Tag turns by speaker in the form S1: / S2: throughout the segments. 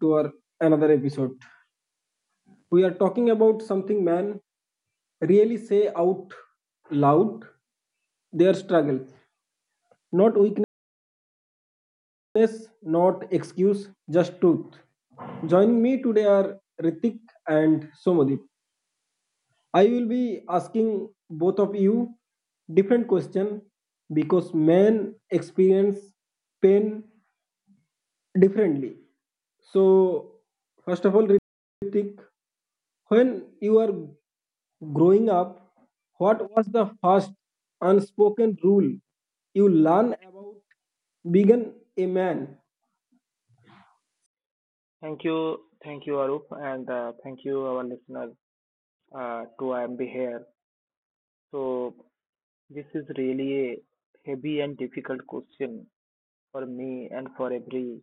S1: To our another episode. We are talking about something man really say out loud their struggle. Not weakness, not excuse, just truth. Joining me today are Ritik and Somadip. I will be asking both of you different question because men experience pain differently. So first of all, Ritik, when you are growing up, what was the first unspoken rule you learn about being a man?
S2: Thank you, Arup, and thank you, our listeners, to I am be here. So this is really a heavy and difficult question for me and for every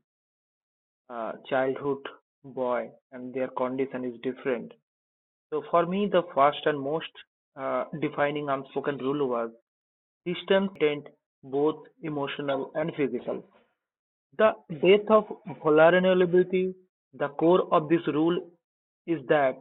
S2: childhood boy, and their condition is different. So for me, the first and most defining unspoken rule was distance maintained, both emotional and physical. The death of vulnerability. The core of this rule is that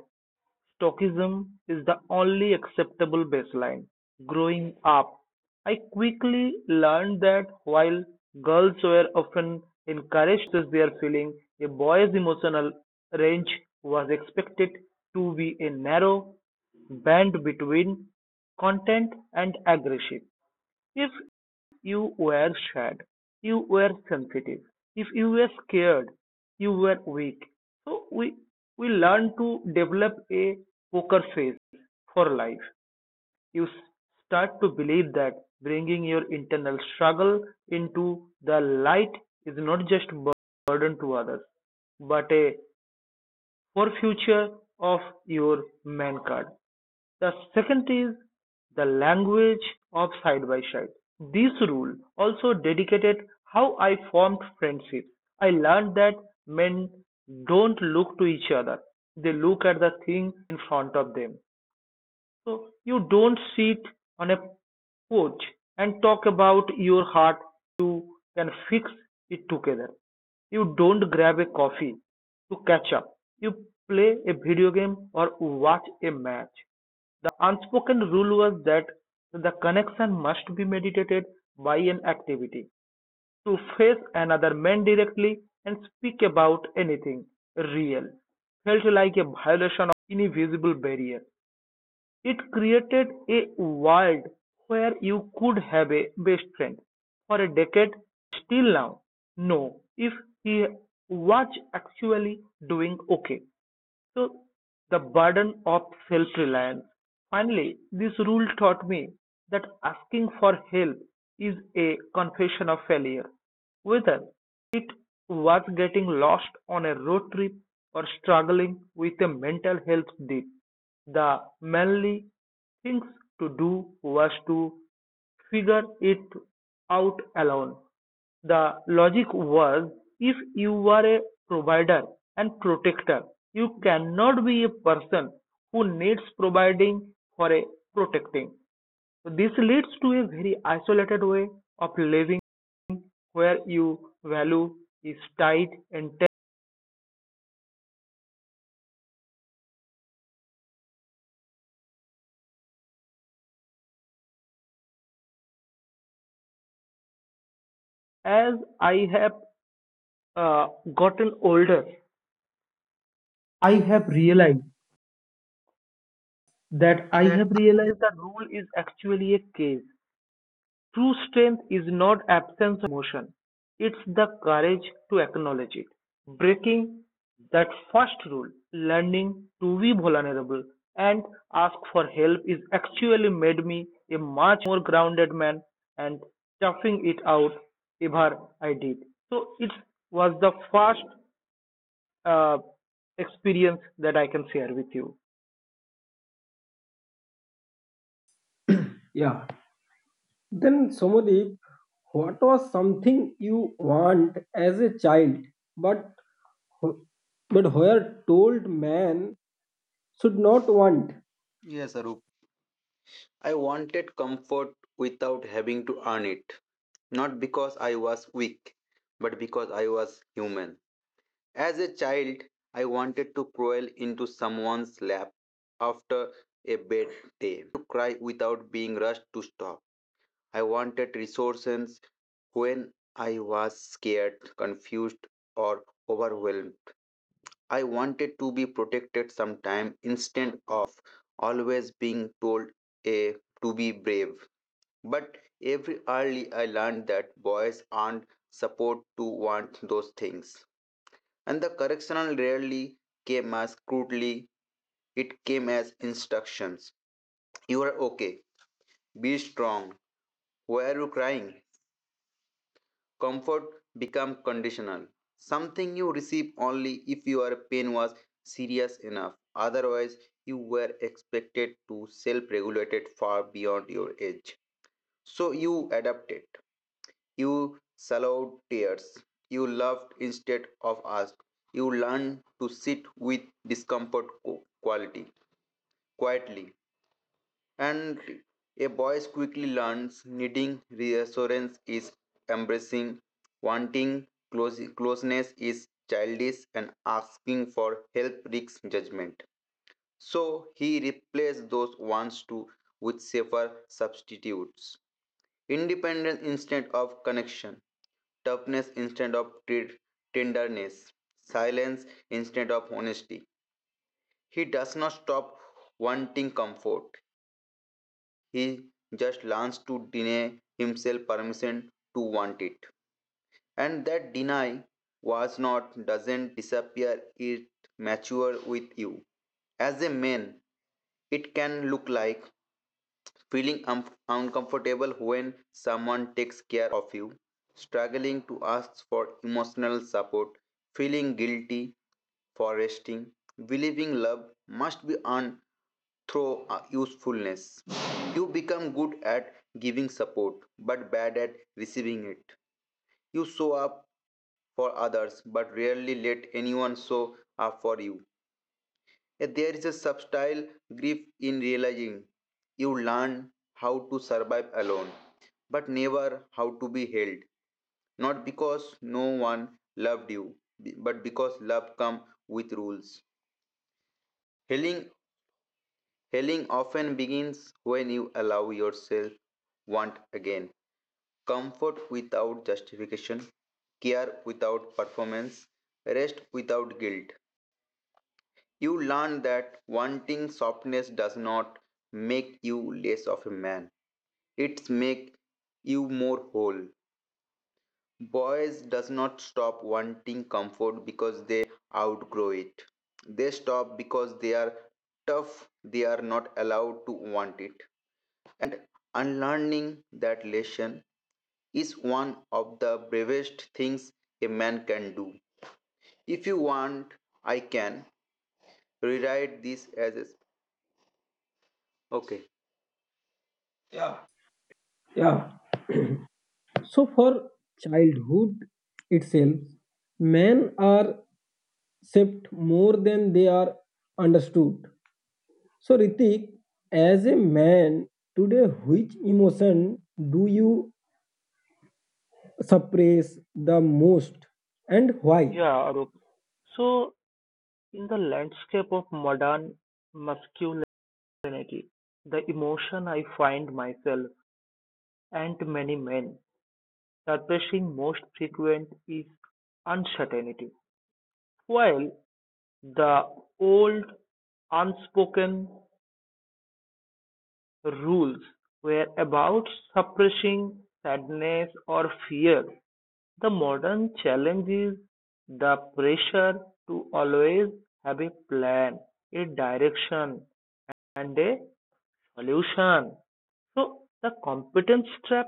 S2: stoicism is the only acceptable baseline. Growing up, I quickly learned that while girls were often encouraged their feelings, a boy's emotional range was expected to be a narrow band between content and aggression. If you were sad, you were sensitive. If you were scared, you were weak. So we learn to develop a poker face for life. You start to believe that bringing your internal struggle into the light is not just a burden to others, but a for future of your main card. The second is the language of side by side. This rule also dedicated how I formed friendships. I learned that men don't look to each other, they look at the thing in front of them. So you don't sit on a porch and talk about your heart. You can fix it together. You don't grab a coffee to catch up. You play a video game or watch a match. Unspoken rule was that the connection must be meditated by an activity to face another man directly and speak about anything real. Felt like a violation invisible barrier. It created a world where you could have a best friend for a decade still now know if he was actually doing okay. So the burden of self-reliance. Finally, this rule taught me that asking for help is a confession of failure, whether it was getting lost on a road trip or struggling with a mental health dip. The manly things to do was to figure it out alone. The logic was, if you are a provider and protector, you cannot be a person who needs providing for a protecting. So this leads to a very isolated way of living where your value is tied and as I have uh, gotten older,
S1: I
S2: I have
S1: have
S2: realized
S1: realized
S2: that
S1: that I
S3: That
S1: have realized
S2: rule is actually a cage. True strength is not absence emotion. It's the courage to acknowledge it. Breaking that first rule, learning to be vulnerable and ask for help, is actually made me a much more grounded man and toughing it out ever I did. So it was the first uh, experience that I can share with you.
S1: Yeah. Then Somadeep, what was something you want as a child, but wh- but where told man should not want?
S3: yes, Arup. I wanted comfort without having to earn it. Not because I was weak, but because I was human. As a child, I wanted to crawl into someone's lap after a bad day, to cry without being rushed to stop. I wanted resources when I was scared, confused, or overwhelmed. I wanted to be protected sometime instead of always being told a, to be brave. But every early I learned that boys aren't supposed to want those things. And the correctional rarely came as crudely, it came as instructions. You are okay, be strong. Why are you crying? Comfort become conditional, something you receive only if your pain was serious enough. Otherwise, you were expected to self-regulate it far beyond your age. So you adapted. You swallowed tears. You loved instead of asked. You learned to sit with discomfort quality quietly, and a boy quickly learns needing reassurance is embracing, wanting closeness is childish, and asking for help risks judgment. So he replaced those wants to with safer substitutes. Independence instead of connection, toughness instead of tenderness, silence instead of honesty. He does not stop wanting comfort, he just learns to deny himself permission to want it. And that deny was not doesn't disappear, it matures with you. As a man, it can look like feeling uncomfortable when someone takes care of you, struggling to ask for emotional support, feeling guilty for resting, believing love must be earned through usefulness. You become good at giving support but bad at receiving it. You show up for others but rarely let anyone show up for you. Yet there is a subtle grief in realizing you learn how to survive alone, but never how to be held. Not because no one loved you, but because love comes with rules. Healing, healing often begins when you allow yourself want again. Comfort without justification, care without performance, rest without guilt. You learn that wanting softness does not make you less of a man, it makes you more whole. Boys does not stop wanting comfort because they outgrow it. They stop because they are tough, they are not allowed to want it. And unlearning that lesson is one of the bravest things a man can do. If you want, I can rewrite this as a okay. Yeah,
S1: Yeah. So for childhood itself, men are accept more than they are understood. So, Ritik, as a man today, which emotion do you suppress the most and why?
S2: Yeah, Arup. So, in the landscape of modern masculinity, the emotion I find myself and many men expressing most frequent is uncertainty. While the old unspoken rules were about suppressing sadness or fear, the modern challenge is the pressure to always have a plan, a direction, and a solution. So, the competence trap,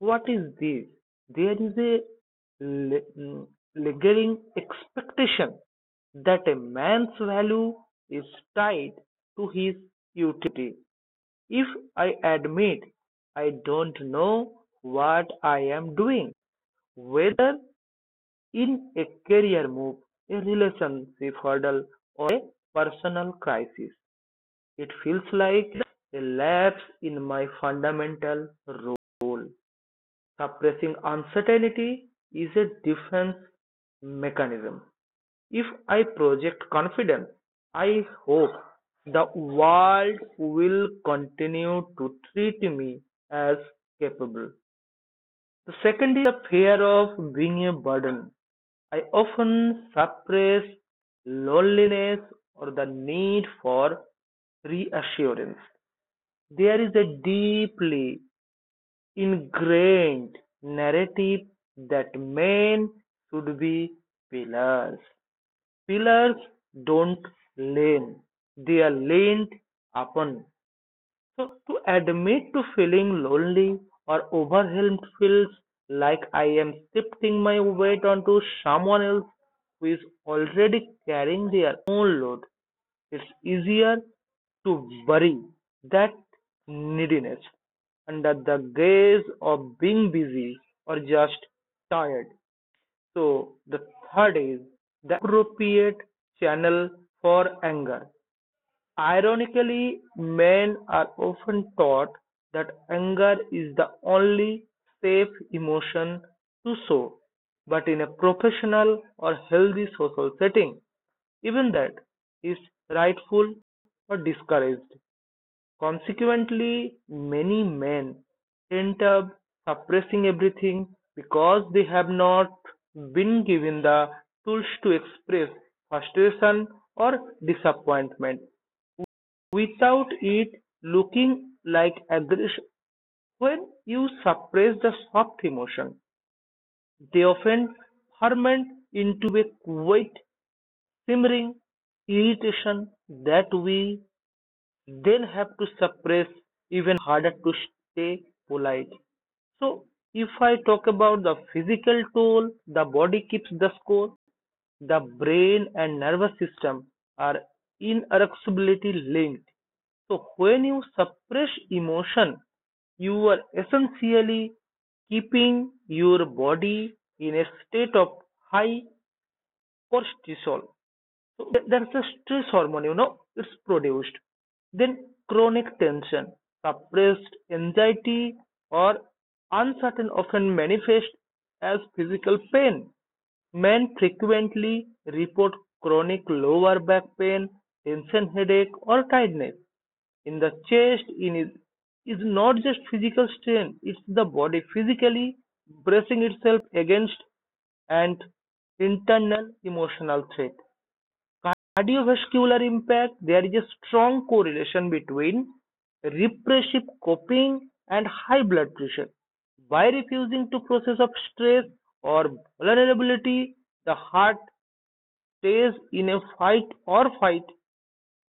S2: what is this? There is a mm, lingering expectation that a man's value is tied to his utility. If I admit I don't know what I am doing, whether in a career move, a relationship hurdle, or a personal crisis, it feels like a lapse in my fundamental role. Suppressing uncertainty is a defense mechanism. If I project confidence, I hope the world will continue to treat me as capable. The second, the fear of being a burden. I often suppress loneliness or the need for reassurance. There is a deeply ingrained narrative that men should be pillars. Pillars don't lean, they are leaned upon. So to admit to feeling lonely or overwhelmed feels like I am shifting my weight onto someone else who is already carrying their own load. It's easier to bury that neediness under the gaze of being busy or just tired. So the third is the appropriate channel for anger. Ironically, men are often taught that anger is the only safe emotion to show, but in a professional or healthy social setting, even that is rightful or discouraged. Consequently, many men end up suppressing everything because they have not been given the tools to express frustration or disappointment without it looking like aggression. When you suppress the soft emotion, they often ferment into a quiet, simmering irritation that we they'll have to suppress even harder to stay polite. So, if I talk about the physical toll, the body keeps the score, the brain and nervous system are inexorably linked. So, when you suppress emotion, you are essentially keeping your body in a state of high cortisol. So, there's a stress hormone, you know, it's produced. Then chronic tension, suppressed anxiety or uncertain often manifest as physical pain. Men frequently report chronic lower back pain, tension headache, or tiredness in the chest in is not just physical strain, it's the body physically bracing itself against an internal emotional threat. Cardiovascular impact. There is a strong correlation between repressive coping and high blood pressure. By refusing to process of stress or vulnerability, the heart stays in a fight or flight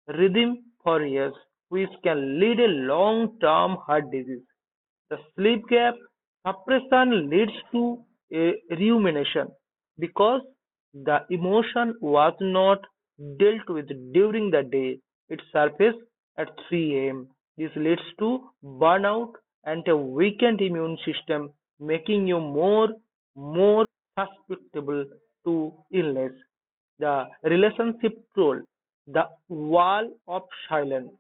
S2: rhythm for years, which can lead a long-term heart disease. The sleep gap suppression leads to a rumination because the emotion was not dealt with during the day. It surfaces at 3 am. This leads to burnout and a weakened immune system, making you more susceptible to illness. The relationship role, the "wall of silence"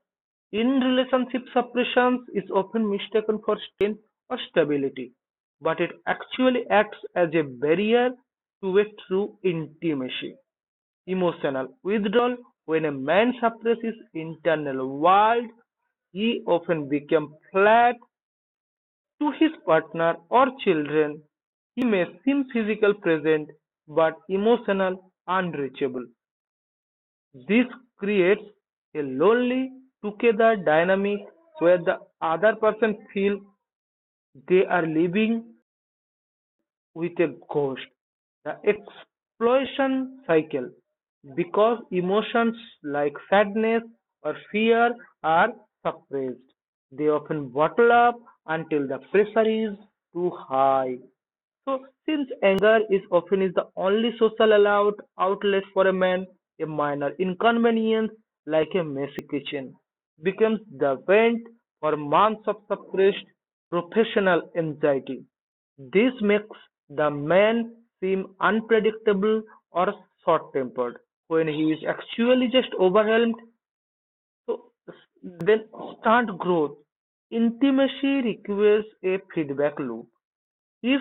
S2: in relationship suppression is often mistaken for strength or stability, but it actually acts as a barrier to a true intimacy. Emotional withdrawal. When a man suppresses his internal world, he often becomes flat to his partner or children. May seem physically present but emotional unreachable. This creates a lonely together dynamic where the other person feels they are living with a ghost. The explosion cycle, because emotions like sadness or fear are suppressed. They often bottle up until the pressure is too high. So, since anger is often is the only social allowed outlet for a man, a minor inconvenience like a messy kitchen becomes the vent for months of suppressed professional anxiety. This makes the man seem unpredictable or short tempered when he is actually just overwhelmed. So, then stunt growth. Intimacy requires a feedback loop. If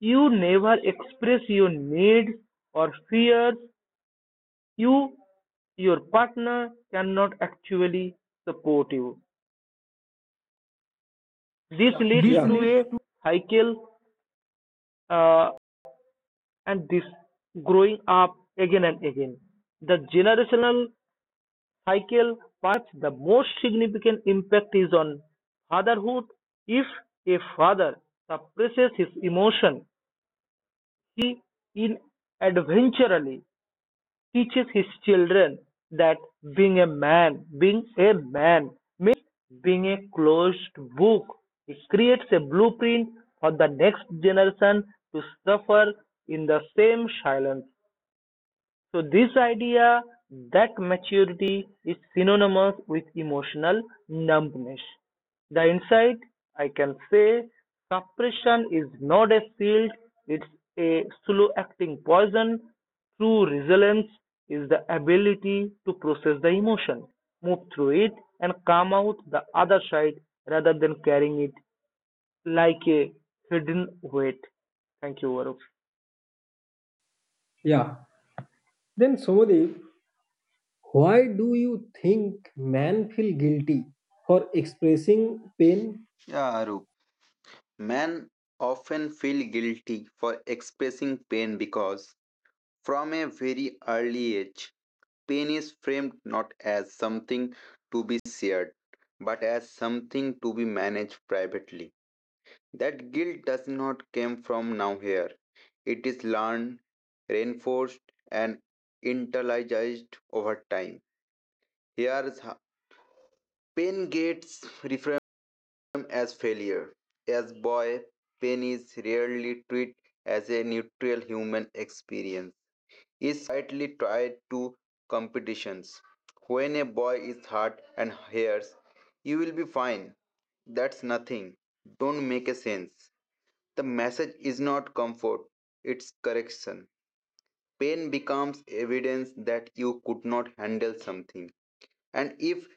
S2: you never express your needs or fears, you your partner cannot actually support you. This leads
S1: This. Yeah, leads
S2: to a
S1: to
S2: cycle uh, and this growing up again and again. The generational cycle, perhaps the most significant impact is on fatherhood. If a father suppresses his emotion, he inadvertently teaches his children that being a man means being a closed book. It creates a blueprint for the next generation to suffer in the same silence. So, this idea that maturity is synonymous with emotional numbness. The insight I can say, suppression is not a shield, it's a slow acting poison. True resilience is the ability to process the emotion, move through it, and come out the other side rather than carrying it like a hidden weight. Thank you, Varup.
S1: yeah. Then, Somadev, why do you think men feel guilty for expressing pain?
S3: yeah, Aru. Men often feel guilty for expressing pain because, from a very early age, pain is framed not as something to be shared, but as something to be managed privately. That guilt does not come from now here. It is learned, reinforced, and internalized over time. Here's pain gets reframed as failure. As a boy, pain is rarely treated as a neutral human experience. It's quietly tied to competitions. When a boy is hurt and hears, you will be fine. That's nothing. Don't make a sense. The message is not comfort, it's correction. Pain becomes evidence that you could not handle something. And if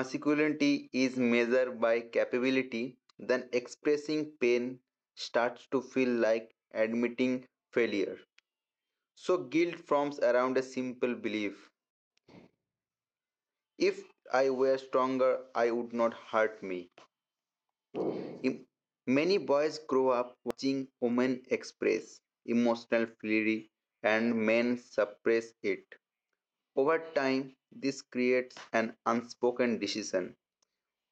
S3: masculinity is measured by capability, then expressing pain starts to feel like admitting failure. So guilt forms around a simple belief. If I were stronger, I would not hurt me. Im- many boys grow up watching women express emotional fury and men suppress it. Over time, this creates an unspoken decision.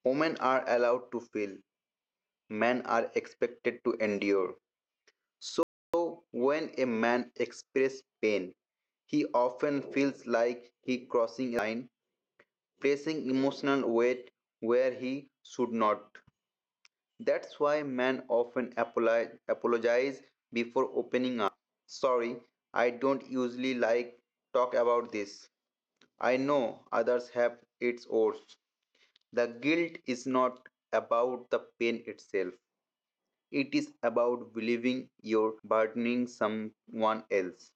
S3: Women are allowed to feel, men are expected to endure. So, when a man expresses pain, he often feels like he crossing a line, placing emotional weight where he should not. That's why men often apologize before opening up. Sorry, I don't usually talk about this. I know others have its own. The guilt is not about the pain itself. It is about believing you're burdening someone else.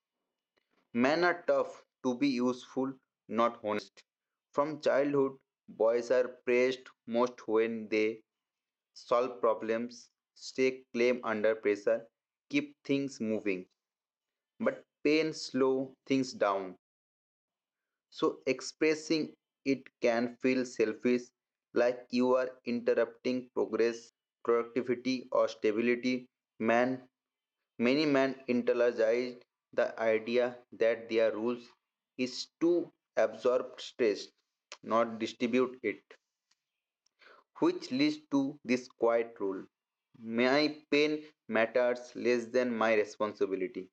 S3: Men are tough to be useful, not honest. From childhood, boys are praised most when they solve problems, stay calm under pressure, keep things moving. But pain slows things down. So expressing it can feel selfish, like you are interrupting progress, productivity, or stability. Man Many men internalized the idea that their rules is to absorb stress, not distribute it, which leads to this quiet rule. My pain matters less than my responsibility.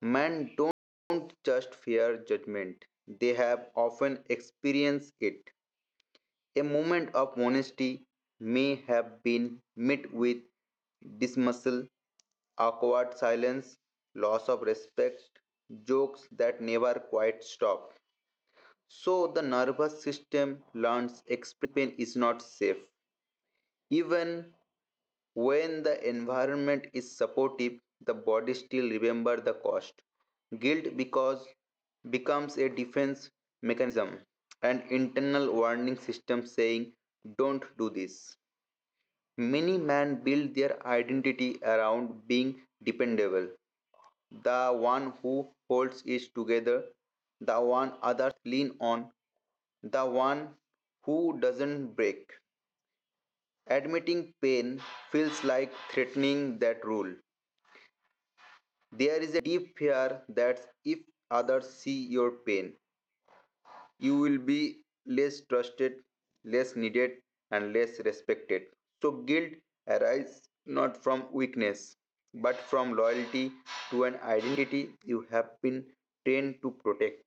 S3: Men don't just fear judgment, they have often experienced it. A moment of honesty may have been met with dismissal, awkward silence, loss of respect, jokes that never quite stop. So the nervous system learns expressing pain is not safe. Even when the environment is supportive, the body still remembers the cost. Guilt because becomes a defense mechanism, an internal warning system saying, don't do this. Many men build their identity around being dependable, the one who holds it together, the one others lean on, the one who doesn't break. Admitting pain feels like threatening that rule. There is a deep fear that if others see your pain, you will be less trusted, less needed, and less respected. So, guilt arises not from weakness, but from loyalty to an identity you have been trained to protect.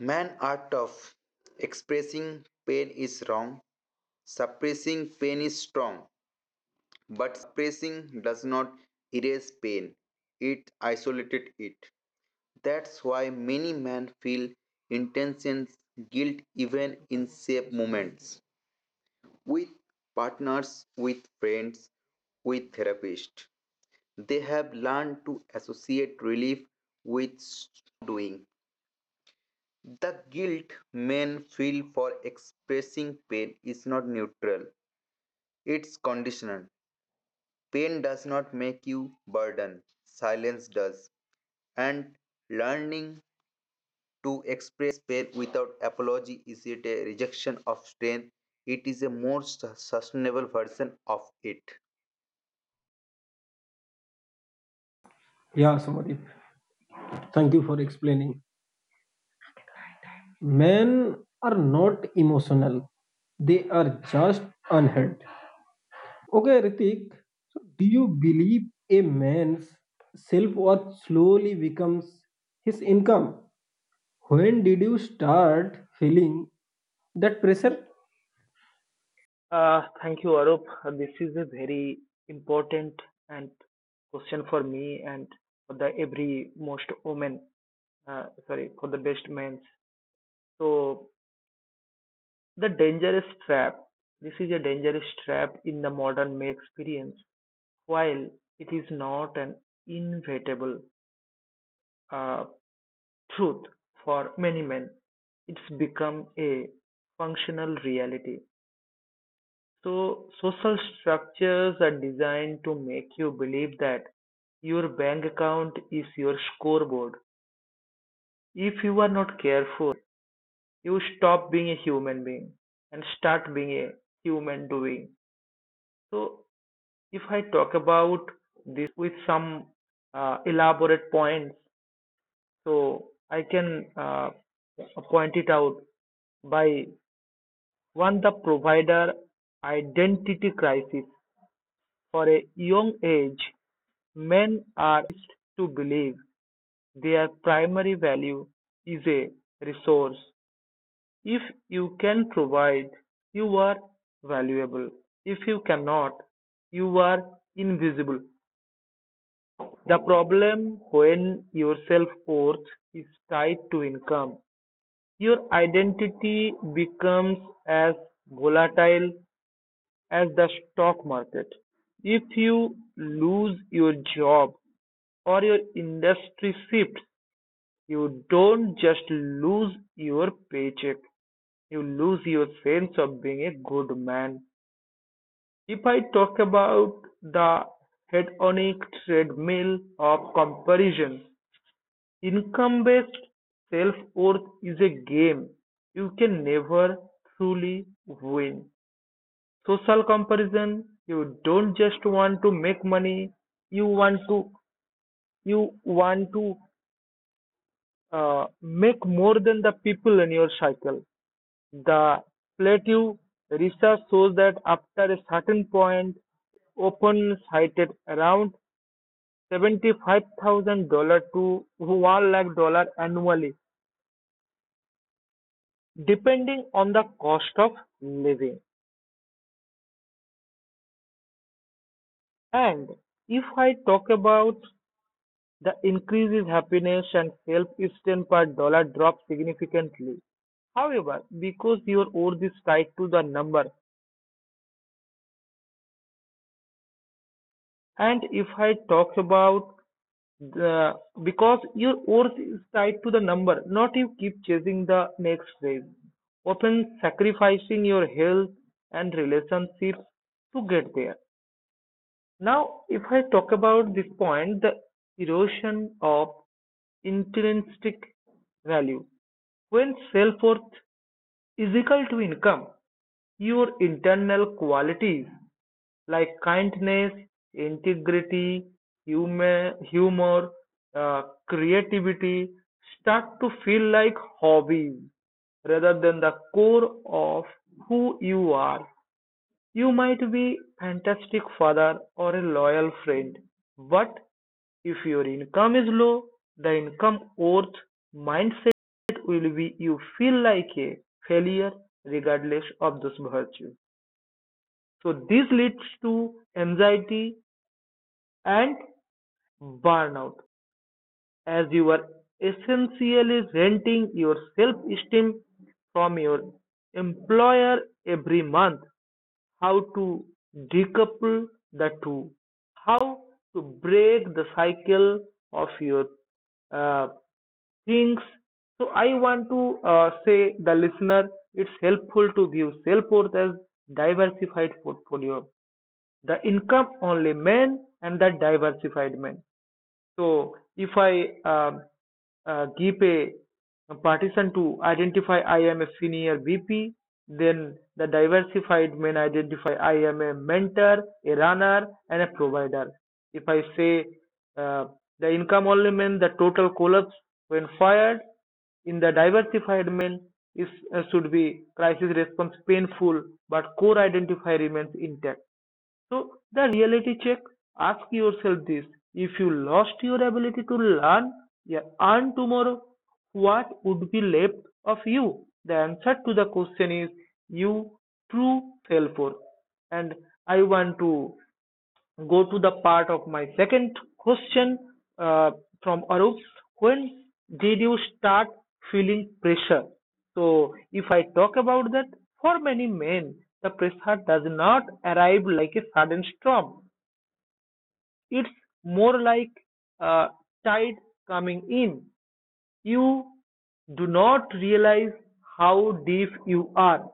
S3: Men are tough. Expressing pain is wrong. Suppressing pain is strong. But suppressing does not erase pain, it isolated it. That's why many men feel intense guilt even in safe moments with partners, with friends, with therapists. They have learned to associate relief with s-. The guilt men feel for expressing pain is not neutral, it's conditional. Pain does not make you burden, silence does. And learning to express pain without apology is it a rejection of strength? It is a more sustainable version of it.
S1: Yeah, Somadev, thank you for explaining. Men are not emotional, they are just unheard. Okay, Ritik. So, do you believe a man's self worth slowly becomes his income? When did you start feeling that pressure?
S2: Thank you, Arup. This is a very important and question for me and for the every most women. Sorry, for the best men. So the dangerous trap. This is a dangerous trap in the modern male experience. While it is not an inevitable uh, truth for many men, it's become a functional reality. So, social structures are designed to make you believe that your bank account is your scoreboard. If you are not careful, you stop being a human being and start being a human doing. So, if I talk about this with some elaborate points, so I can point it out by one, the provider identity crisis for a young age. Men are to believe their primary value is a resource. If you can provide, you are valuable. If you cannot, you are invisible. The problem, when your self worth is tied to income, your identity becomes as volatile as the stock market. If you lose your job or your industry shifts, you don't just lose your paycheck, you lose your sense of being a good man. If I talk about the hedonic treadmill of comparison, income based self worth is a game you can never truly win. Social comparison, you don't just want to make money, you want to you want to make more than the people in your cycle. The plateau research shows that after a certain point, open cited around $75,000 to $1 lakh dollar annually, depending on the cost of living. And if I talk about the increases happiness and self esteem per dollar drop significantly. However, because your worth is tied to the number And if I talk about the because your worth is tied to the number, not you keep chasing the next raise, often sacrificing your health and relationships to get there. Now, if I talk about this point, the erosion of intrinsic value. When self worth is equal to income, your internal qualities like kindness, integrity, humor, uh, creativity start to feel like hobbies rather than the core of who you are. You might be a fantastic father or a loyal friend, but if your income is low, the income worth mindset will be you feel like a failure regardless of this virtue. So this leads to anxiety and burnout as you are essentially renting your self-esteem from your employer every month. How to decouple the two, how to break the cycle of your uh, things. So I want to say the listener, it's helpful to view self-worth as diversified portfolio. The income only men and the diversified men. So if I give a partition to identify I am a senior VP, then the diversified may identify I am a mentor, a runner, and a provider. If I say uh, the income only means the total collapse when fired, in the diversified mail is should be crisis response painful but core identifier remains intact so the reality check, ask yourself this. If you lost your ability to learn yeah, earn tomorrow, what would be left of you? The answer to the question is you true self worth. And I want to go to the part of my second question uh, from Arup. When did you start feeling pressure? So, if I talk about that, for many men, the pressure does not arrive like a sudden storm. It's more like a tide coming in. You do not realize how deep you are.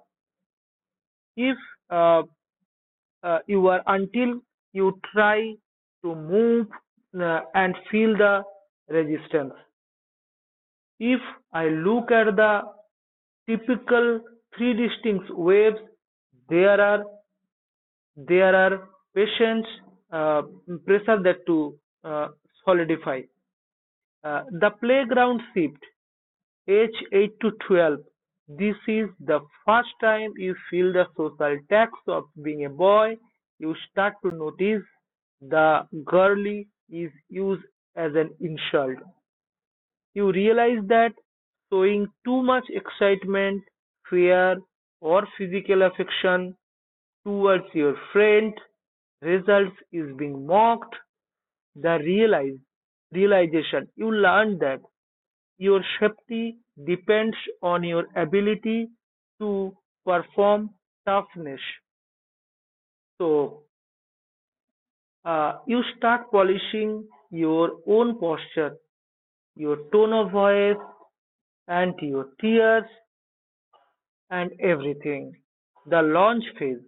S2: If uh, you are until you try to move and feel the resistance. If I look at the typical three distinct waves, there are there are patients uh, pressure that to uh, solidify. The playground shift age 8 to 12. This is the first time you feel the social tax of being a boy. You start to notice the girly is used as an insult. You realize that showing too much excitement, fear, or physical affection towards your friend results is being mocked. The realize realization you learn that your safety depends on your ability to perform toughness. So you start polishing your own posture, your tone of voice, and your tears and everything. The launch phase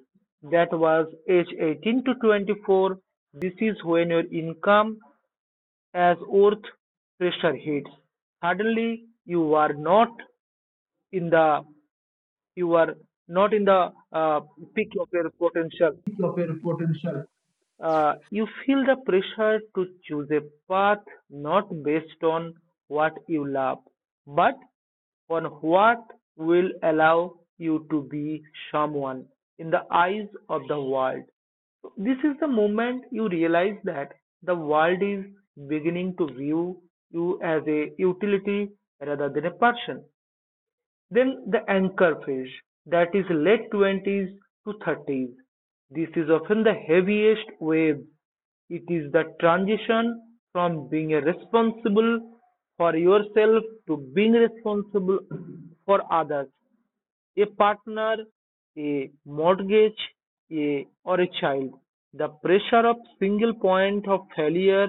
S2: that was age 18 to 24. This is when your income as earth pressure hits. Suddenly, in the you are not in the peak of your potential.
S1: Of your potential.
S2: You feel the pressure to choose a path not based on what you love, but on what will allow you to be someone in the eyes of the world. This is the moment you realize that the world is beginning to view you as a utility rather than a person. Then the anchor phase, that is late 20s to 30s. This is often the heaviest wave. It is the transition from being responsible for yourself to being responsible for others a partner, a mortgage, a, or a child. The pressure of single point of failure,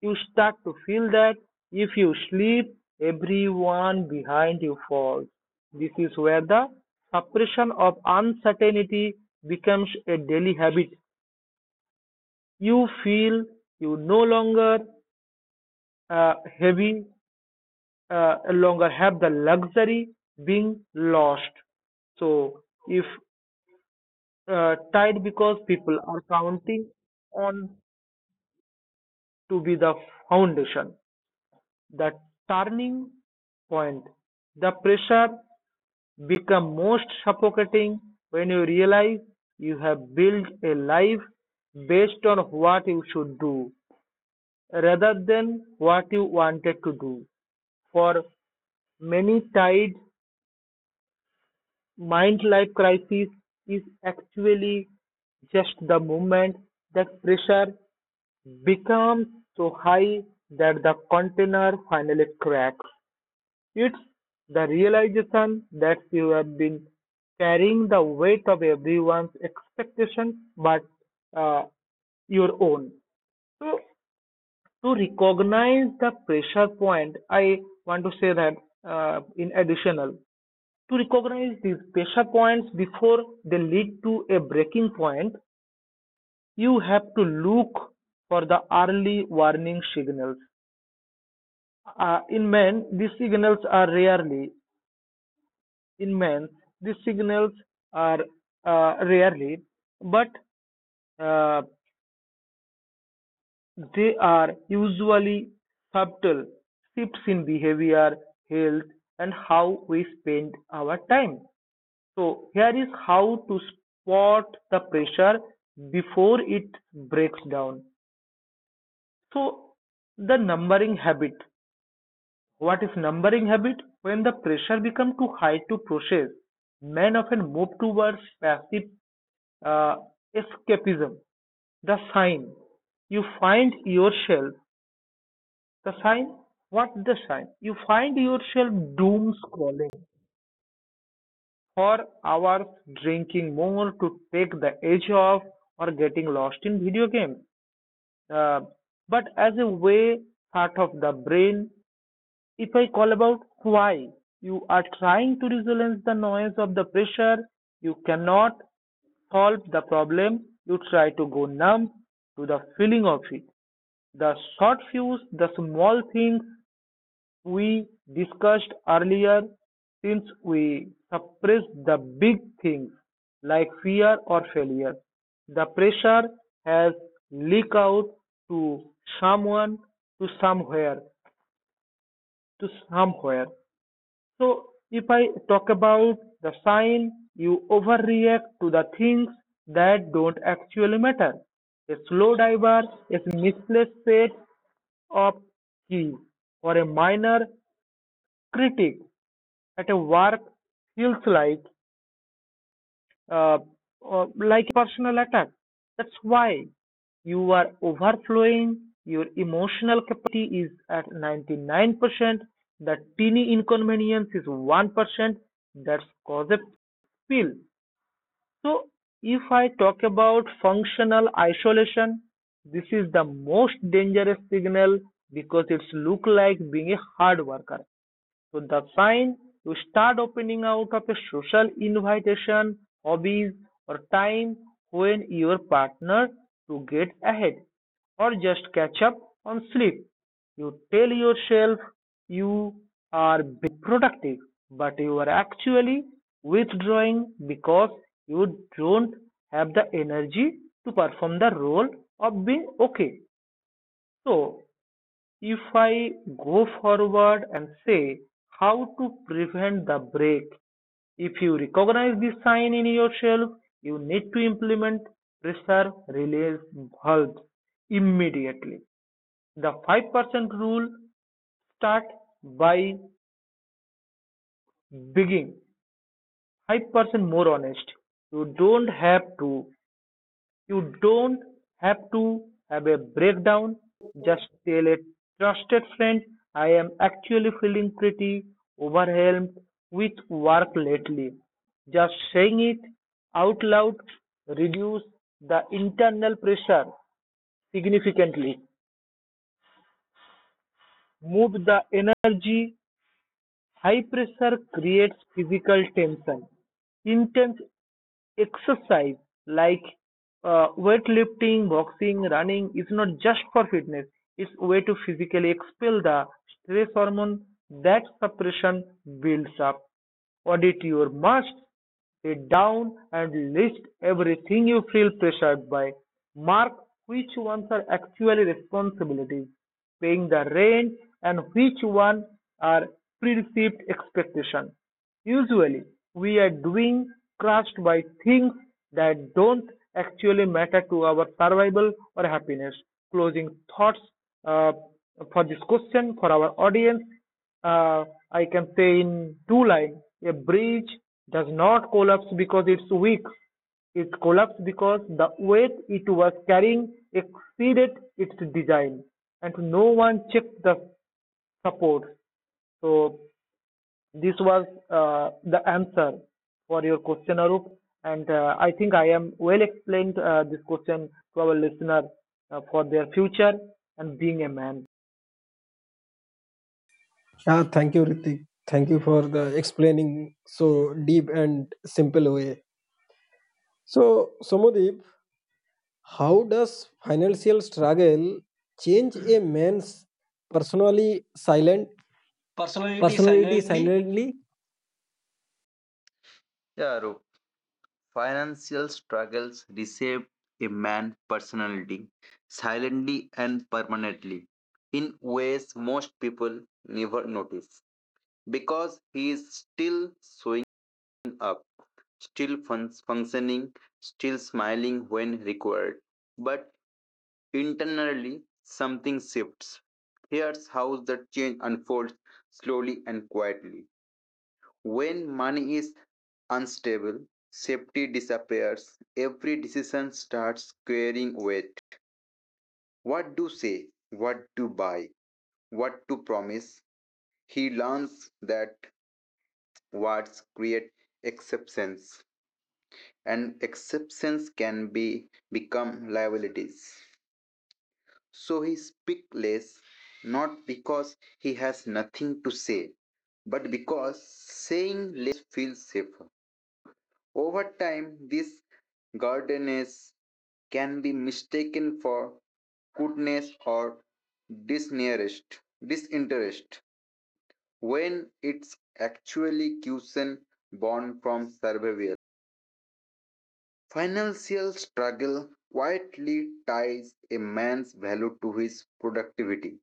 S2: you start to feel that if you sleep, everyone behind you falls. This is where the suppression of uncertainty becomes a daily habit. You feel you no longer uh, heavy, no longer have the luxury being lost. So if tied because people are counting on to be the foundation, the turning point. The pressure become most suffocating when you realize you have built a life based on what you should do rather than what you wanted to do. For many tied Mind life crisis is actually just the moment that pressure becomes so high that the container finally cracks. It's the realization that you have been carrying the weight of everyone's expectations but uh, your own. So, to recognize the pressure point, I want to say that in additional, to recognize these pressure points before they lead to a breaking point, you have to look for the early warning signals. Uh, in men, these signals are rarely in men, these signals are rarely, but uh, they are usually subtle shifts in behavior, health, and how we spend our time. So here is how to spot the pressure before it breaks down. So the numbering habit. What is numbering habit? When the pressure becomes too high to process, men often move towards passive uh, escapism. The sign. You find yourself. The sign. What the sign? You find yourself doom scrolling for hours drinking more to take the edge off or getting lost in video game. Uh, but as a way part of the brain, if I call about why you are trying to resolve the noise of the pressure, you cannot solve the problem, you try to go numb to the feeling of it. The short fuse, the small things we discussed earlier, since we suppress the big things like fear or failure, the pressure has leaked out to someone, to somewhere, to somewhere. So if I talk about the sign, you overreact to the things that don't actually matter. A slow diver is misplaced set of keys or a minor critic at a work feels uh, like personal attack. That's why you are overflowing. Your emotional capacity is at 99%. The teeny inconvenience is 1%. That's cause a pill. So if I talk about functional isolation, this is the most dangerous signal because it's look like being a hard worker. So that's sign you start opening out of a social invitation, hobbies, or time when your partner to get ahead or just catch up on sleep. You tell yourself you are being productive, but you are actually withdrawing because you don't have the energy to perform the role of being okay. So, if I go forward and say how to prevent the break, if you recognize this sign in yourself, you need to implement pressure release valves immediately. The 5% rule start by being 5% more honest. You don't have to You don't have to have a breakdown. Just tell a trusted friend, I am actually feeling pretty overwhelmed with work lately. Just saying it out loud reduces the internal pressure significantly. Move the energy High pressure creates physical tension. Intense exercise like weightlifting, boxing, running is not just for fitness. It's a way to physically expel the stress hormone that suppression builds up. Audit your must Sit down and list everything you feel pressured by. Mark which ones are actually responsibilities, paying the rent, and which ones are perceived expectation. Usually, we are doing crushed by things that don't actually matter to our survival or happiness. Closing thoughts uh, for this question for our audience uh, I can say in two lines, a bridge does not collapse because it's weak. It collapsed because the weight it was carrying exceeded its design, and no one checked the supports. So this was the answer for your question, Arup. And I think I am well explained this question to our listener for their future and being a man.
S1: Yeah, thank you, Ritik. Thank you for the explaining so deep and simple way. So, Somodeep, how does financial struggle change a man's personally silent
S3: Personality
S1: personality
S3: silently.
S1: silently?
S3: Yeah, Arup. Financial struggles reshape a man's personality silently and permanently in ways most people never notice because he is still showing up, still functioning, still smiling when required. But internally, something shifts. Here's how the change unfolds slowly and quietly. When money is unstable, safety disappears, every decision starts carrying weight. What to say, what to buy, what to promise? He learns that words create exceptions and exceptions can be become liabilities. So he speaks less, not because he has nothing to say, but because saying less feels safer. Over time, this gardeners can be mistaken for goodness or disinterest, disinterest when it's actually caution born from survival. Financial struggle quietly ties a man's value to his productivity.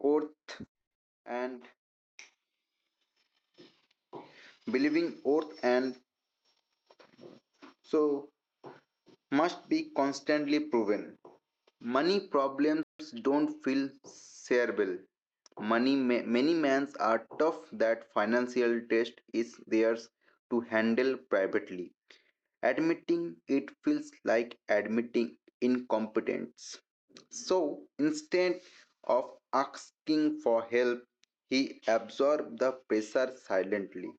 S3: Oath and believing oath and so must be constantly proven. Money problems don't feel shareable. Money ma- many mans are tough that financial test is theirs to handle privately. Admitting it feels like admitting incompetence. So instead of asking for help, he absorbed the pressure silently.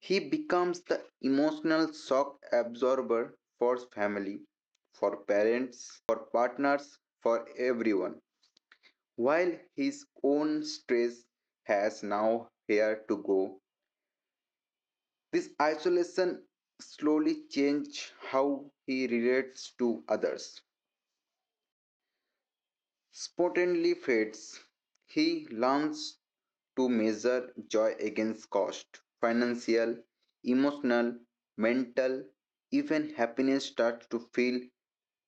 S3: He becomes the emotional shock absorber for family, for parents, for partners, for everyone. While his own stress has now here to go, this isolation slowly changes how he relates to others. Spontaneously fades. He learns to measure joy against cost, financial, emotional, mental, even happiness starts to feel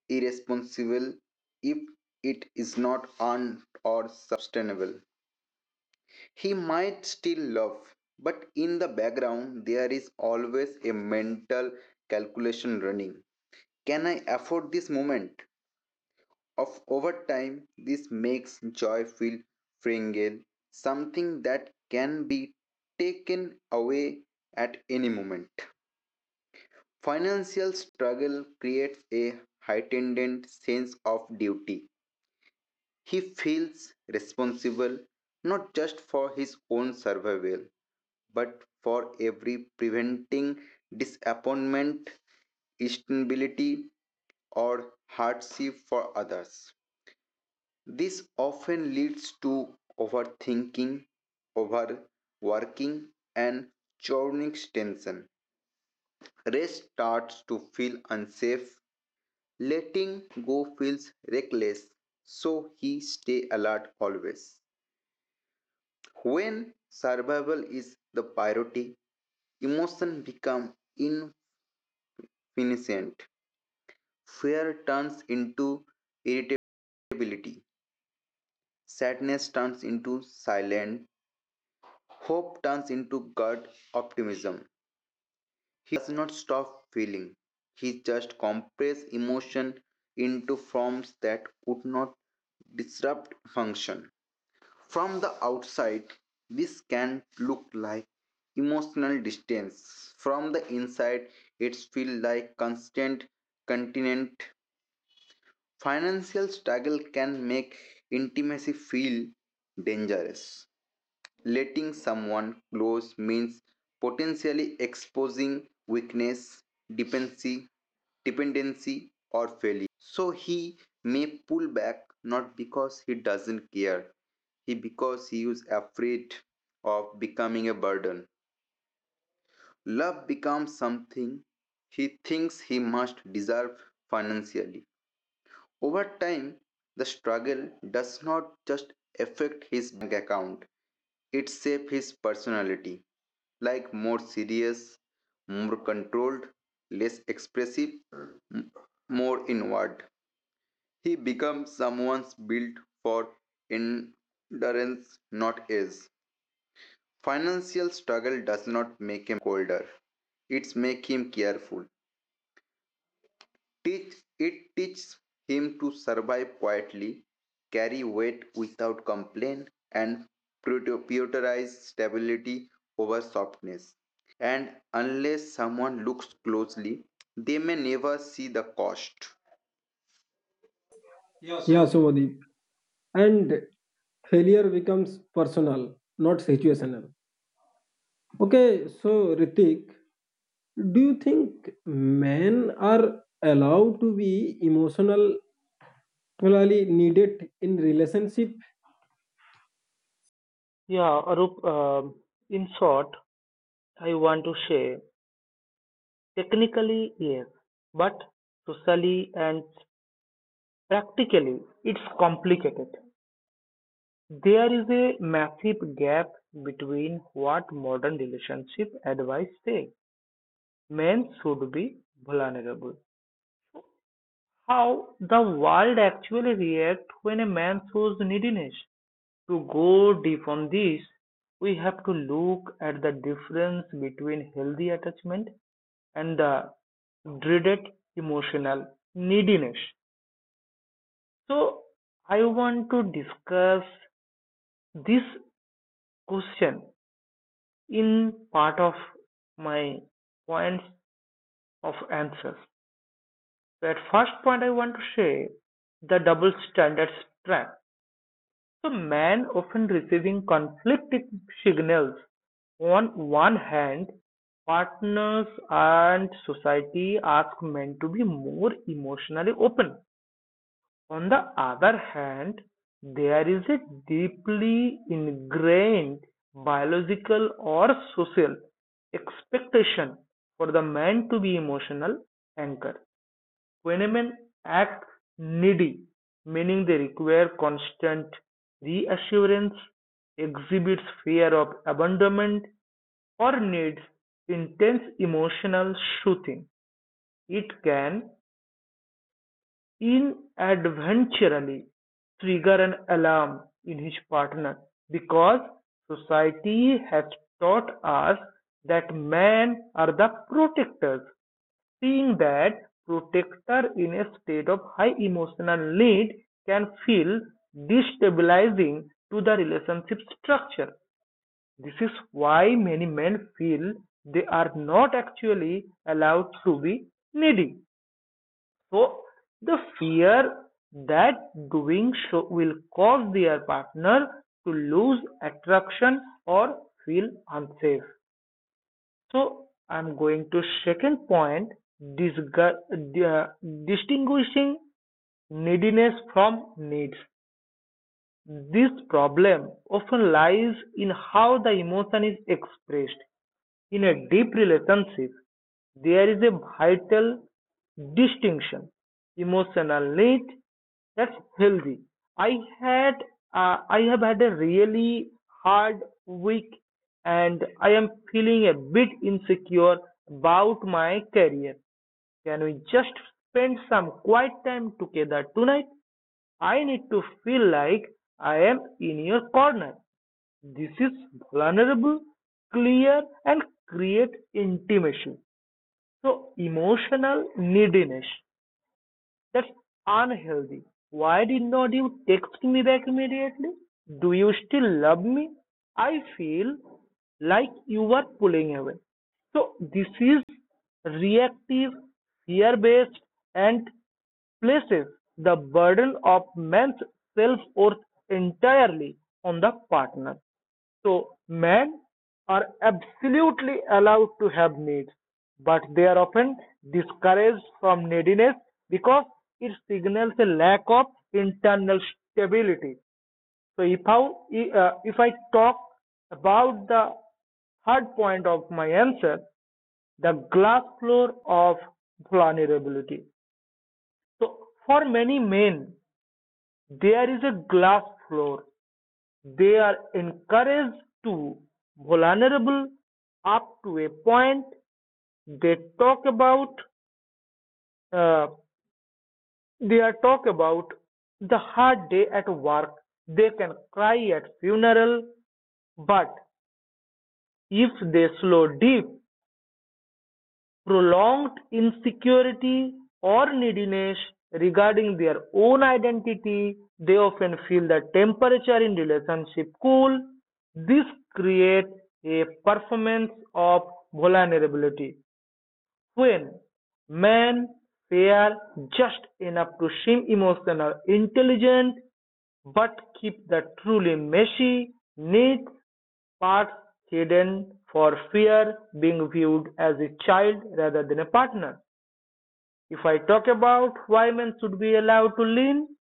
S3: irresponsible if it is not earned or sustainable. He might still love, but in the background there is always a mental calculation running. Can I afford this moment? Of over time, this makes joy feel fragile, something that can be taken away at any moment. Financial struggle creates a heightened sense of duty. He feels responsible not just for his own survival, but for every preventing disappointment, instability, or hardship for others. This often leads to overthinking, overworking, and chronic tension. Rest starts to feel unsafe. Letting go feels reckless, so he stay alert always. When survival is the priority, emotion become infinite. Fear turns into irritability. Sadness turns into silent. Hope turns into guarded optimism. He not stop feeling, he just compresses emotion into forms that could not disrupt function. From the outside, this can look like emotional distance. From the inside, it feels like constant continent. Financial struggle can make intimacy feel dangerous. Letting someone close means potentially exposing weakness, dependency, dependency or failure. So he may pull back not because he doesn't care, he because he is afraid of becoming a burden. Love becomes something he thinks he must deserve financially. Over time, the struggle does not just affect his bank account, it shapes his personality like more serious, more controlled, less expressive, m- more inward. He becomes someone's built for endurance, not ease. Financial struggle does not make a colder. It's make him careful. Teach teaches him to survive quietly, carry weight without complaint, and prioritize stability over softness. And unless someone looks closely, they may never see the cost. Yeah,
S1: Yeah,
S3: so
S1: Somodeep. And failure becomes personal, not situational. Okay, so Ritik, do you think men are allowed to be emotionally needed in relationship?
S2: Yeah, Arup. Um, in short, I want to say technically yes, but socially and practically it's complicated. There is a massive gap between what modern relationship advice says men should be vulnerable, how the world actually reacts when a man shows neediness. To go deep on this, we have to look at the difference between healthy attachment and the dreaded emotional neediness. So, I want to discuss this question in part of my points of answers. So, at first point, I want to say the double standards trap. So, man often receiving conflicting signals. On one hand, partners and society ask men to be more emotionally open On the other hand, there is a deeply ingrained biological or social expectation for the man to be emotional anchor. When men act needy, meaning they require constant reassurance, exhibits fear of abandonment, or needs intense emotional soothing, it can inadvertently trigger an alarm in his partner because society has taught us that men are the protectors. Seeing that protector in a state of high emotional need can feel destabilizing to the relationship structure. This is why many men feel they are not actually allowed to be needy. So the fear that doing so will cause their partner to lose attraction or feel unsafe. So I'm going to second point disgu- uh, distinguishing neediness from needs. This problem often lies in how the emotion is expressed. In a deep relationship, there is a vital distinction. Emotional need that's healthy. I had I have had a really hard week and I am feeling a bit insecure about my career. Can we just spend some quiet time together tonight? I need to feel like I am in your corner. This is vulnerable, clear, and creates intimacy. So, emotional neediness. That's unhealthy. Why did not you text me back immediately? Do you still love me? I feel like you are pulling away. So this is reactive, fear based, and places the burden of man's self worth entirely on the partner. So, men are absolutely allowed to have needs, but they are often discouraged from neediness because it signals a lack of internal stability. So, if I talk about the third point of my answer, the glass floor of vulnerability. So, for many men, there is a glass floor they are encouraged to vulnerable up to a point. They talk about uh, they are talk about the hard day at work. They can cry at funeral, but if they slow deep prolonged insecurity or neediness regarding their own identity, they often feel the temperature in relationship cool. This creates a performance of vulnerability. When men pair just enough to seem emotional, intelligent, but keep the truly messy, neat parts hidden for fear being viewed as a child rather than a partner. If I talk about why men should be allowed to lean,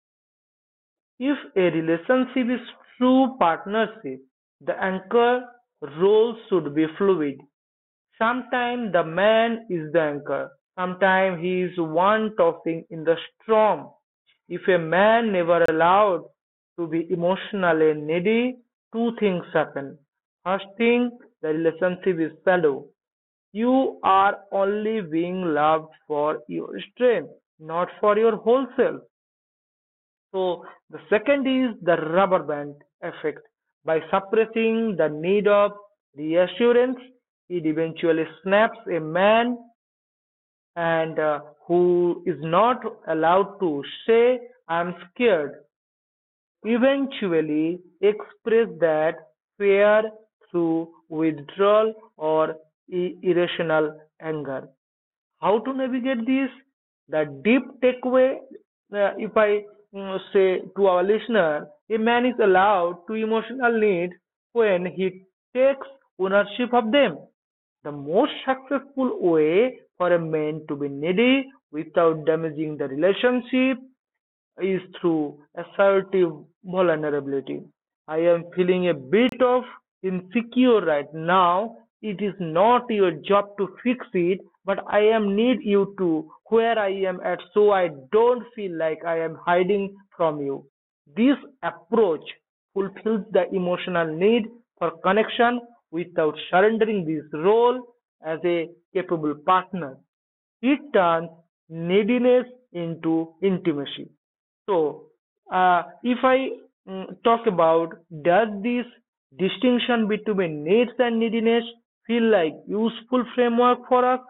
S2: if a relationship is true partnership, the anchor role should be fluid. Sometimes the man is the anchor, sometimes he is one tossing in the storm. If a man never allowed to be emotionally needy, two things happen. First thing, the relationship is shallow. You are only being loved for your strength, not for your whole self. So the second is the rubber band effect. By suppressing the need of reassurance, it eventually snaps a man and who is not allowed to say I'm scared eventually express that fear through withdrawal or irrational anger. How to navigate this? The deep takeaway, if I say to our listener, a man is allowed to emotional needs when he takes ownership of them. The most successful way for a man to be needy without damaging the relationship is through assertive vulnerability. I am feeling a bit of insecure right now. It is not your job to fix it, but I am need you to where I am at so I don't feel like I am hiding from you. This approach fulfills the emotional need for connection without surrendering this role as a capable partner. It turns neediness into intimacy. So, if I talk about does this distinction between needs and neediness feel like useful framework for us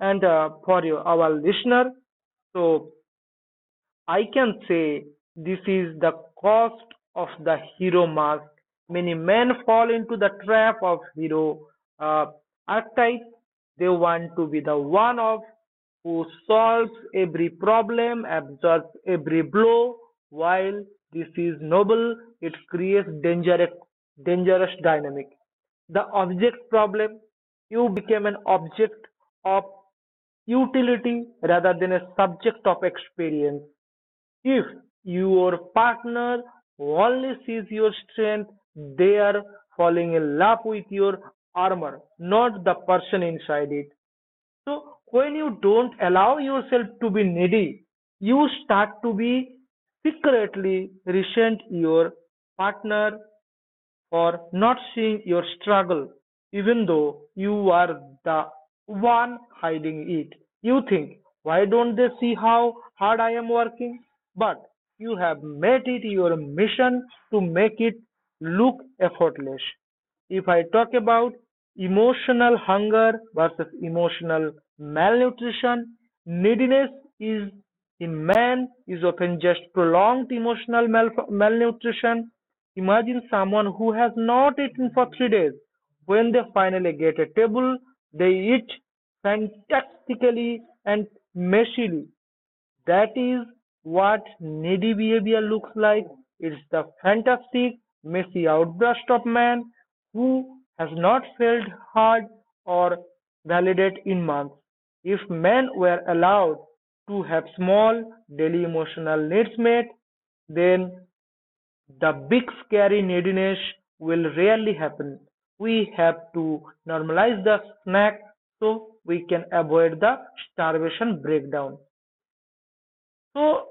S2: and for your, our listener? So, I can say this is the cost of the hero mask. Many men fall into the trap of hero uh, archetype. They want to be the one of who solves every problem, absorbs every blow. While this is noble, it creates dangerous dynamic. The object problem, you became an object of utility rather than a subject of experience. If your partner only sees your strength, they are falling in love with your armor, not the person inside it. So, when you don't allow yourself to be needy, you start to be secretly resent your partner for not seeing your struggle, even though you are the one hiding it. You think, why don't they see how hard I am working? But you have made it your mission to make it look effortless. If I talk about emotional hunger versus emotional malnutrition, neediness is in man is often just prolonged emotional malnutrition. Imagine someone who has not eaten for 3 days. When they finally get a table, they eat fantastically and messily. That is what needy behavior looks like. It's the fantastic, messy outburst of man who has not felt heard or validated in months. If men were allowed to have small daily emotional needs met, then the big scary neediness will rarely happen. We have to normalize the snack so we can avoid the starvation breakdown. So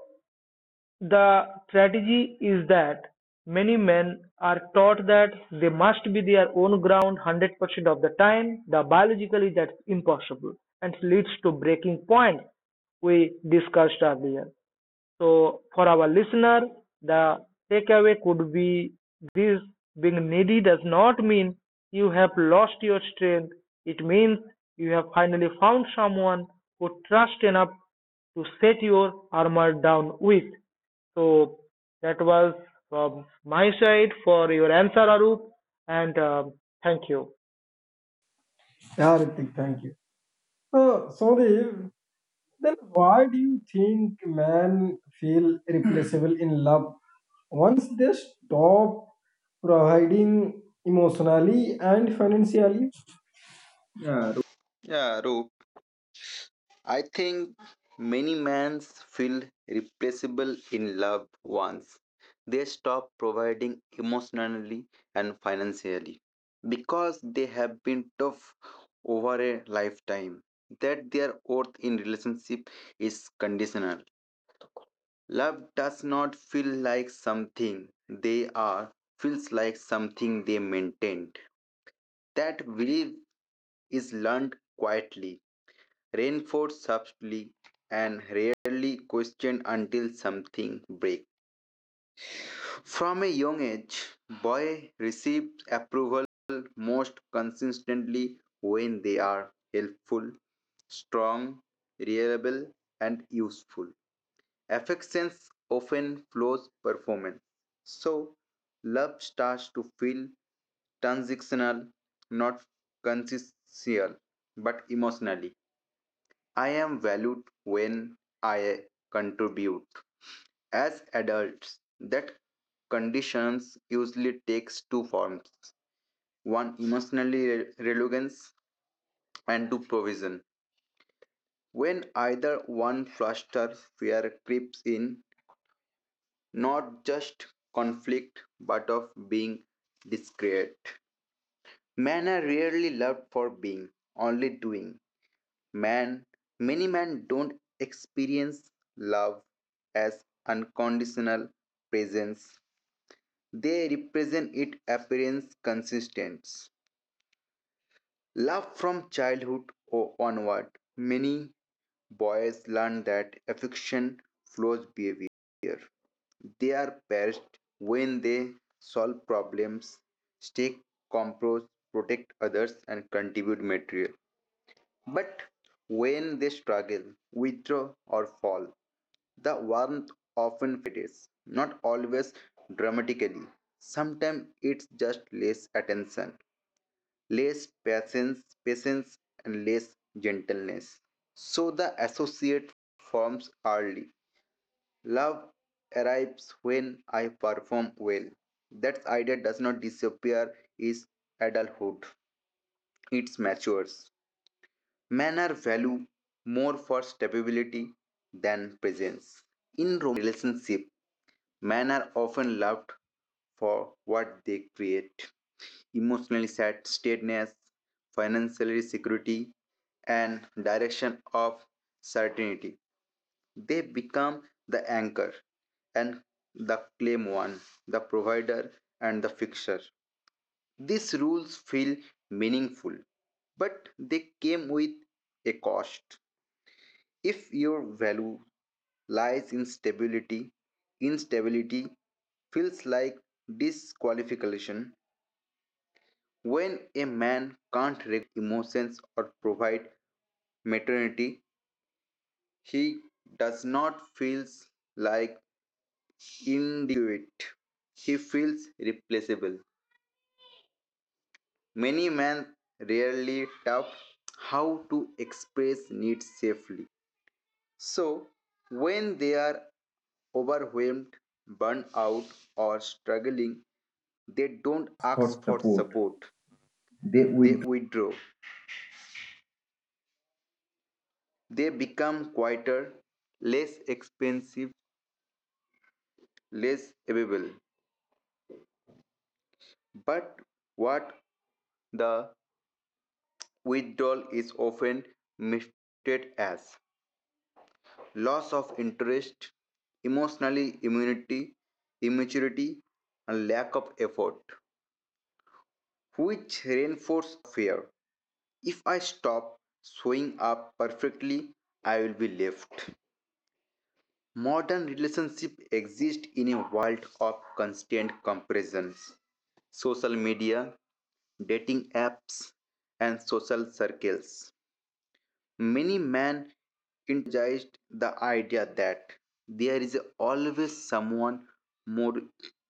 S2: the strategy is that many men are taught that they must be their own ground 100% of the time. The biologically that's impossible and leads to breaking point we discussed earlier. So for our listener, the takeaway could be this being needy does not mean you have lost your strength. It means you have finally found someone who trusts enough to set your armor down with. So that was from my side for your answer, Arup, and thank you.
S1: Yeah, Ritik, thank you. So, Sodev, then why do you think men feel replaceable in love once they stop providing emotionally and financially?
S3: Yeah, Roop. I think many men feel replaceable in love once they stop providing emotionally and financially because they have been tough over a lifetime that their worth in relationship is conditional. Love does not feel like something they are, feels like something they maintained. That belief is learned quietly reinforced subtly and rarely questioned until something breaks. From a young age, boys receive approval most consistently when they are helpful, strong, reliable, and useful. Affections often flows performance. So love starts to feel transactional, not consciential, but emotionally. I am valued when I contribute. As adults, that conditions usually takes two forms: one, emotionally reluctance, and two, provision. When either one fluster fear creeps in, not just conflict but of being discreet. Men are rarely loved for being, only doing. Man, many men don't experience love as unconditional presence. They represent its appearance consistence. Love from childhood or onward, many boys learn that affection flows behavior. They are best when they solve problems, stake compromise, protect others, and contribute material. But when they struggle, withdraw, or fall, the warmth often fades, not always dramatically. Sometimes it's just less attention, less patience, and less gentleness. So the associate forms early. Love arrives when I perform well. That idea does not disappear is adulthood. It matures. Men are value more for stability than presence. In relationship, men are often loved for what they create: emotionally steadiness, financial security, and direction of certainty. They become the anchor and the claim one, the provider and the fixer. These rules feel meaningful, but they came with a cost. If your value lies in stability, instability feels like disqualification. When a man can't emotions or provide maternity, he does not feels like inadequate, he feels replaceable. Many men rarely tap how to express needs safely, so when they are overwhelmed, burned out, or struggling, they don't ask for support. They withdraw. They become quieter, less expensive, less available. But what the withdrawal is often misstated as loss of interest, emotionally immaturity, and lack of effort, which reinforce fear. If I stop showing up perfectly, I will be left. Modern relationships exist in a world of constant comparisons: social media, dating apps, and social circles. Many men internalized the idea that there is always someone more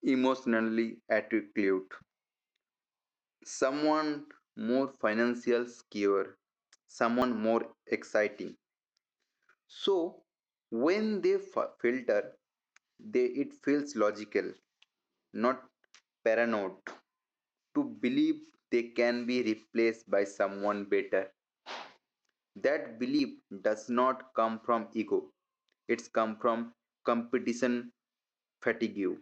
S3: emotionally attractive, someone more financially secure, someone more exciting. So when they f- filter, they it feels logical, not paranoid, to believe they can be replaced by someone better. That belief does not come from ego. It's come from competition fatigue.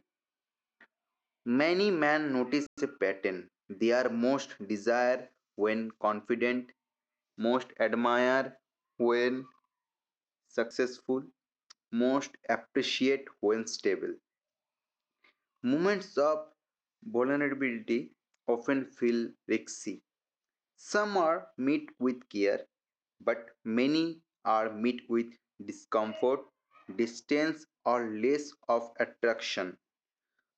S3: Many men notice a pattern. They are most desire when confident, most admire when successful, most appreciate when stable. Moments of vulnerability often feel risky. Some are met with care, but many are met with discomfort, distance, or less of attraction.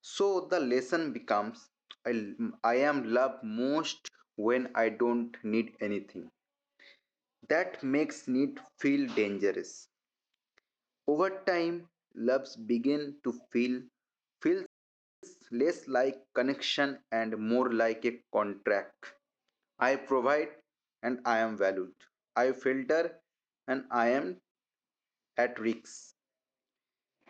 S3: So the lesson becomes, I, I am loved most when I don't need anything. That makes need feel dangerous. Over time, loves begin to feel feels less like connection and more like a contract. I provide and I am valued. I filter and I am at risk.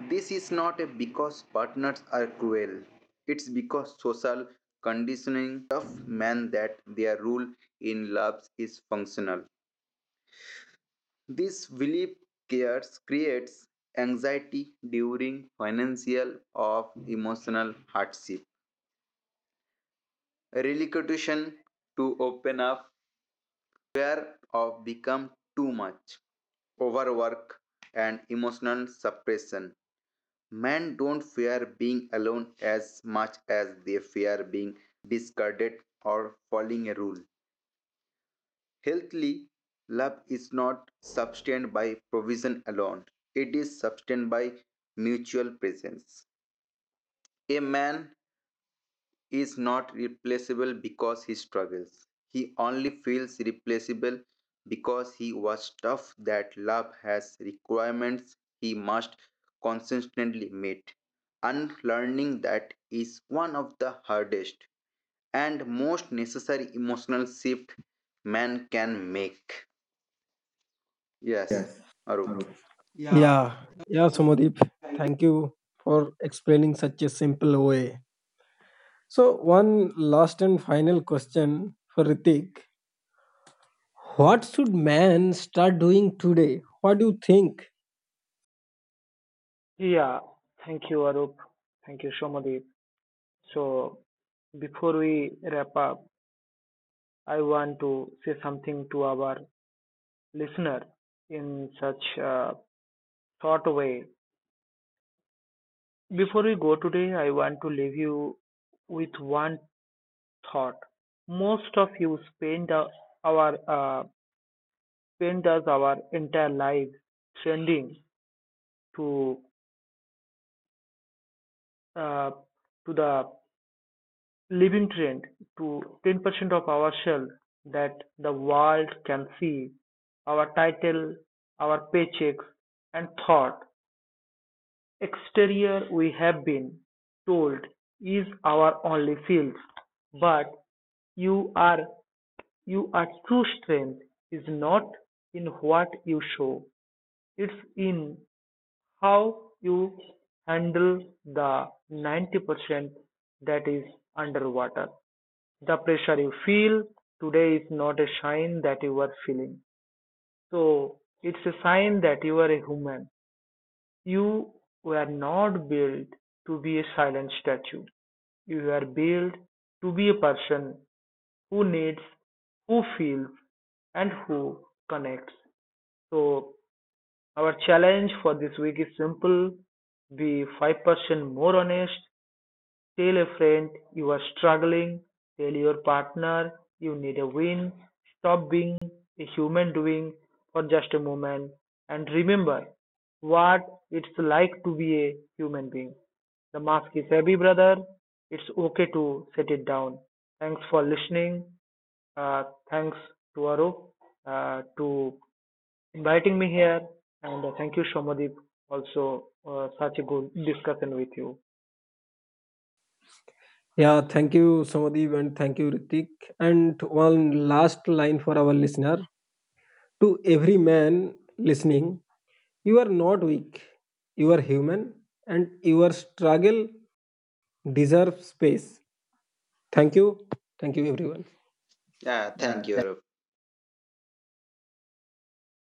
S3: This is not a because partners are cruel. It's because social conditioning tough men that their role in loves is functional. This belief cares creates anxiety during financial or emotional hardship. Relocation to open up fear of become too much, overwork and emotional suppression. Men don't fear being alone as much as they fear being discarded or following a rule. Healthily, love is not sustained by provision alone, it is sustained by mutual presence. A man is not replaceable because he struggles, he only feels replaceable because he was tough. That love has requirements he must consistently meet. Unlearning that is one of the hardest and most necessary emotional shift man can make. Yes,
S1: Yes,
S3: Arup.
S1: Arup.
S3: Yeah,
S1: Yeah, yeah,
S3: for the
S1: Somadeep.
S3: thank you.
S1: Thank you for explaining such a simple way. So, one last and final question for Ritik. What should man start doing today? What do you think?
S2: Yeah, thank you, Arup. Thank you, Shomadeep. So, before we wrap up, I want to say something to our listener in such a short way. Before we go today, I want to leave you with one thought. Most of you spend the- our uh, spend us our entire lives trending to uh, the Living trend to 10% of our shell that the world can see our title, our paychecks, and thought. Exterior, we have been told, is our only field, but you are you are true strength is not in what you show, it's in how you handle the 90% that is underwater. The pressure you feel today is not a sign that you are feeling. So it's a sign that you are a human. You were not built to be a silent statue. You were built to be a person who needs, who feels, and who connects. So our challenge for this week is simple. Be 5% more honest. Tell a friend you are struggling. Tell your partner you need a win. Stop being a human doing for just a moment and remember what it's like to be a human being. The mask is heavy, brother. It's okay to set it down. Thanks for listening. Uh, Thanks to Arup to inviting me here. And thank you, Shomadip, also such a good discussion with you.
S1: Yeah, thank you, Somadeep, and thank you, Ritik. And one last line for our listener. To every man listening, you are not weak. You are human, and your struggle deserves space. Thank you. Thank you, everyone.
S3: Yeah, thank you, Arup.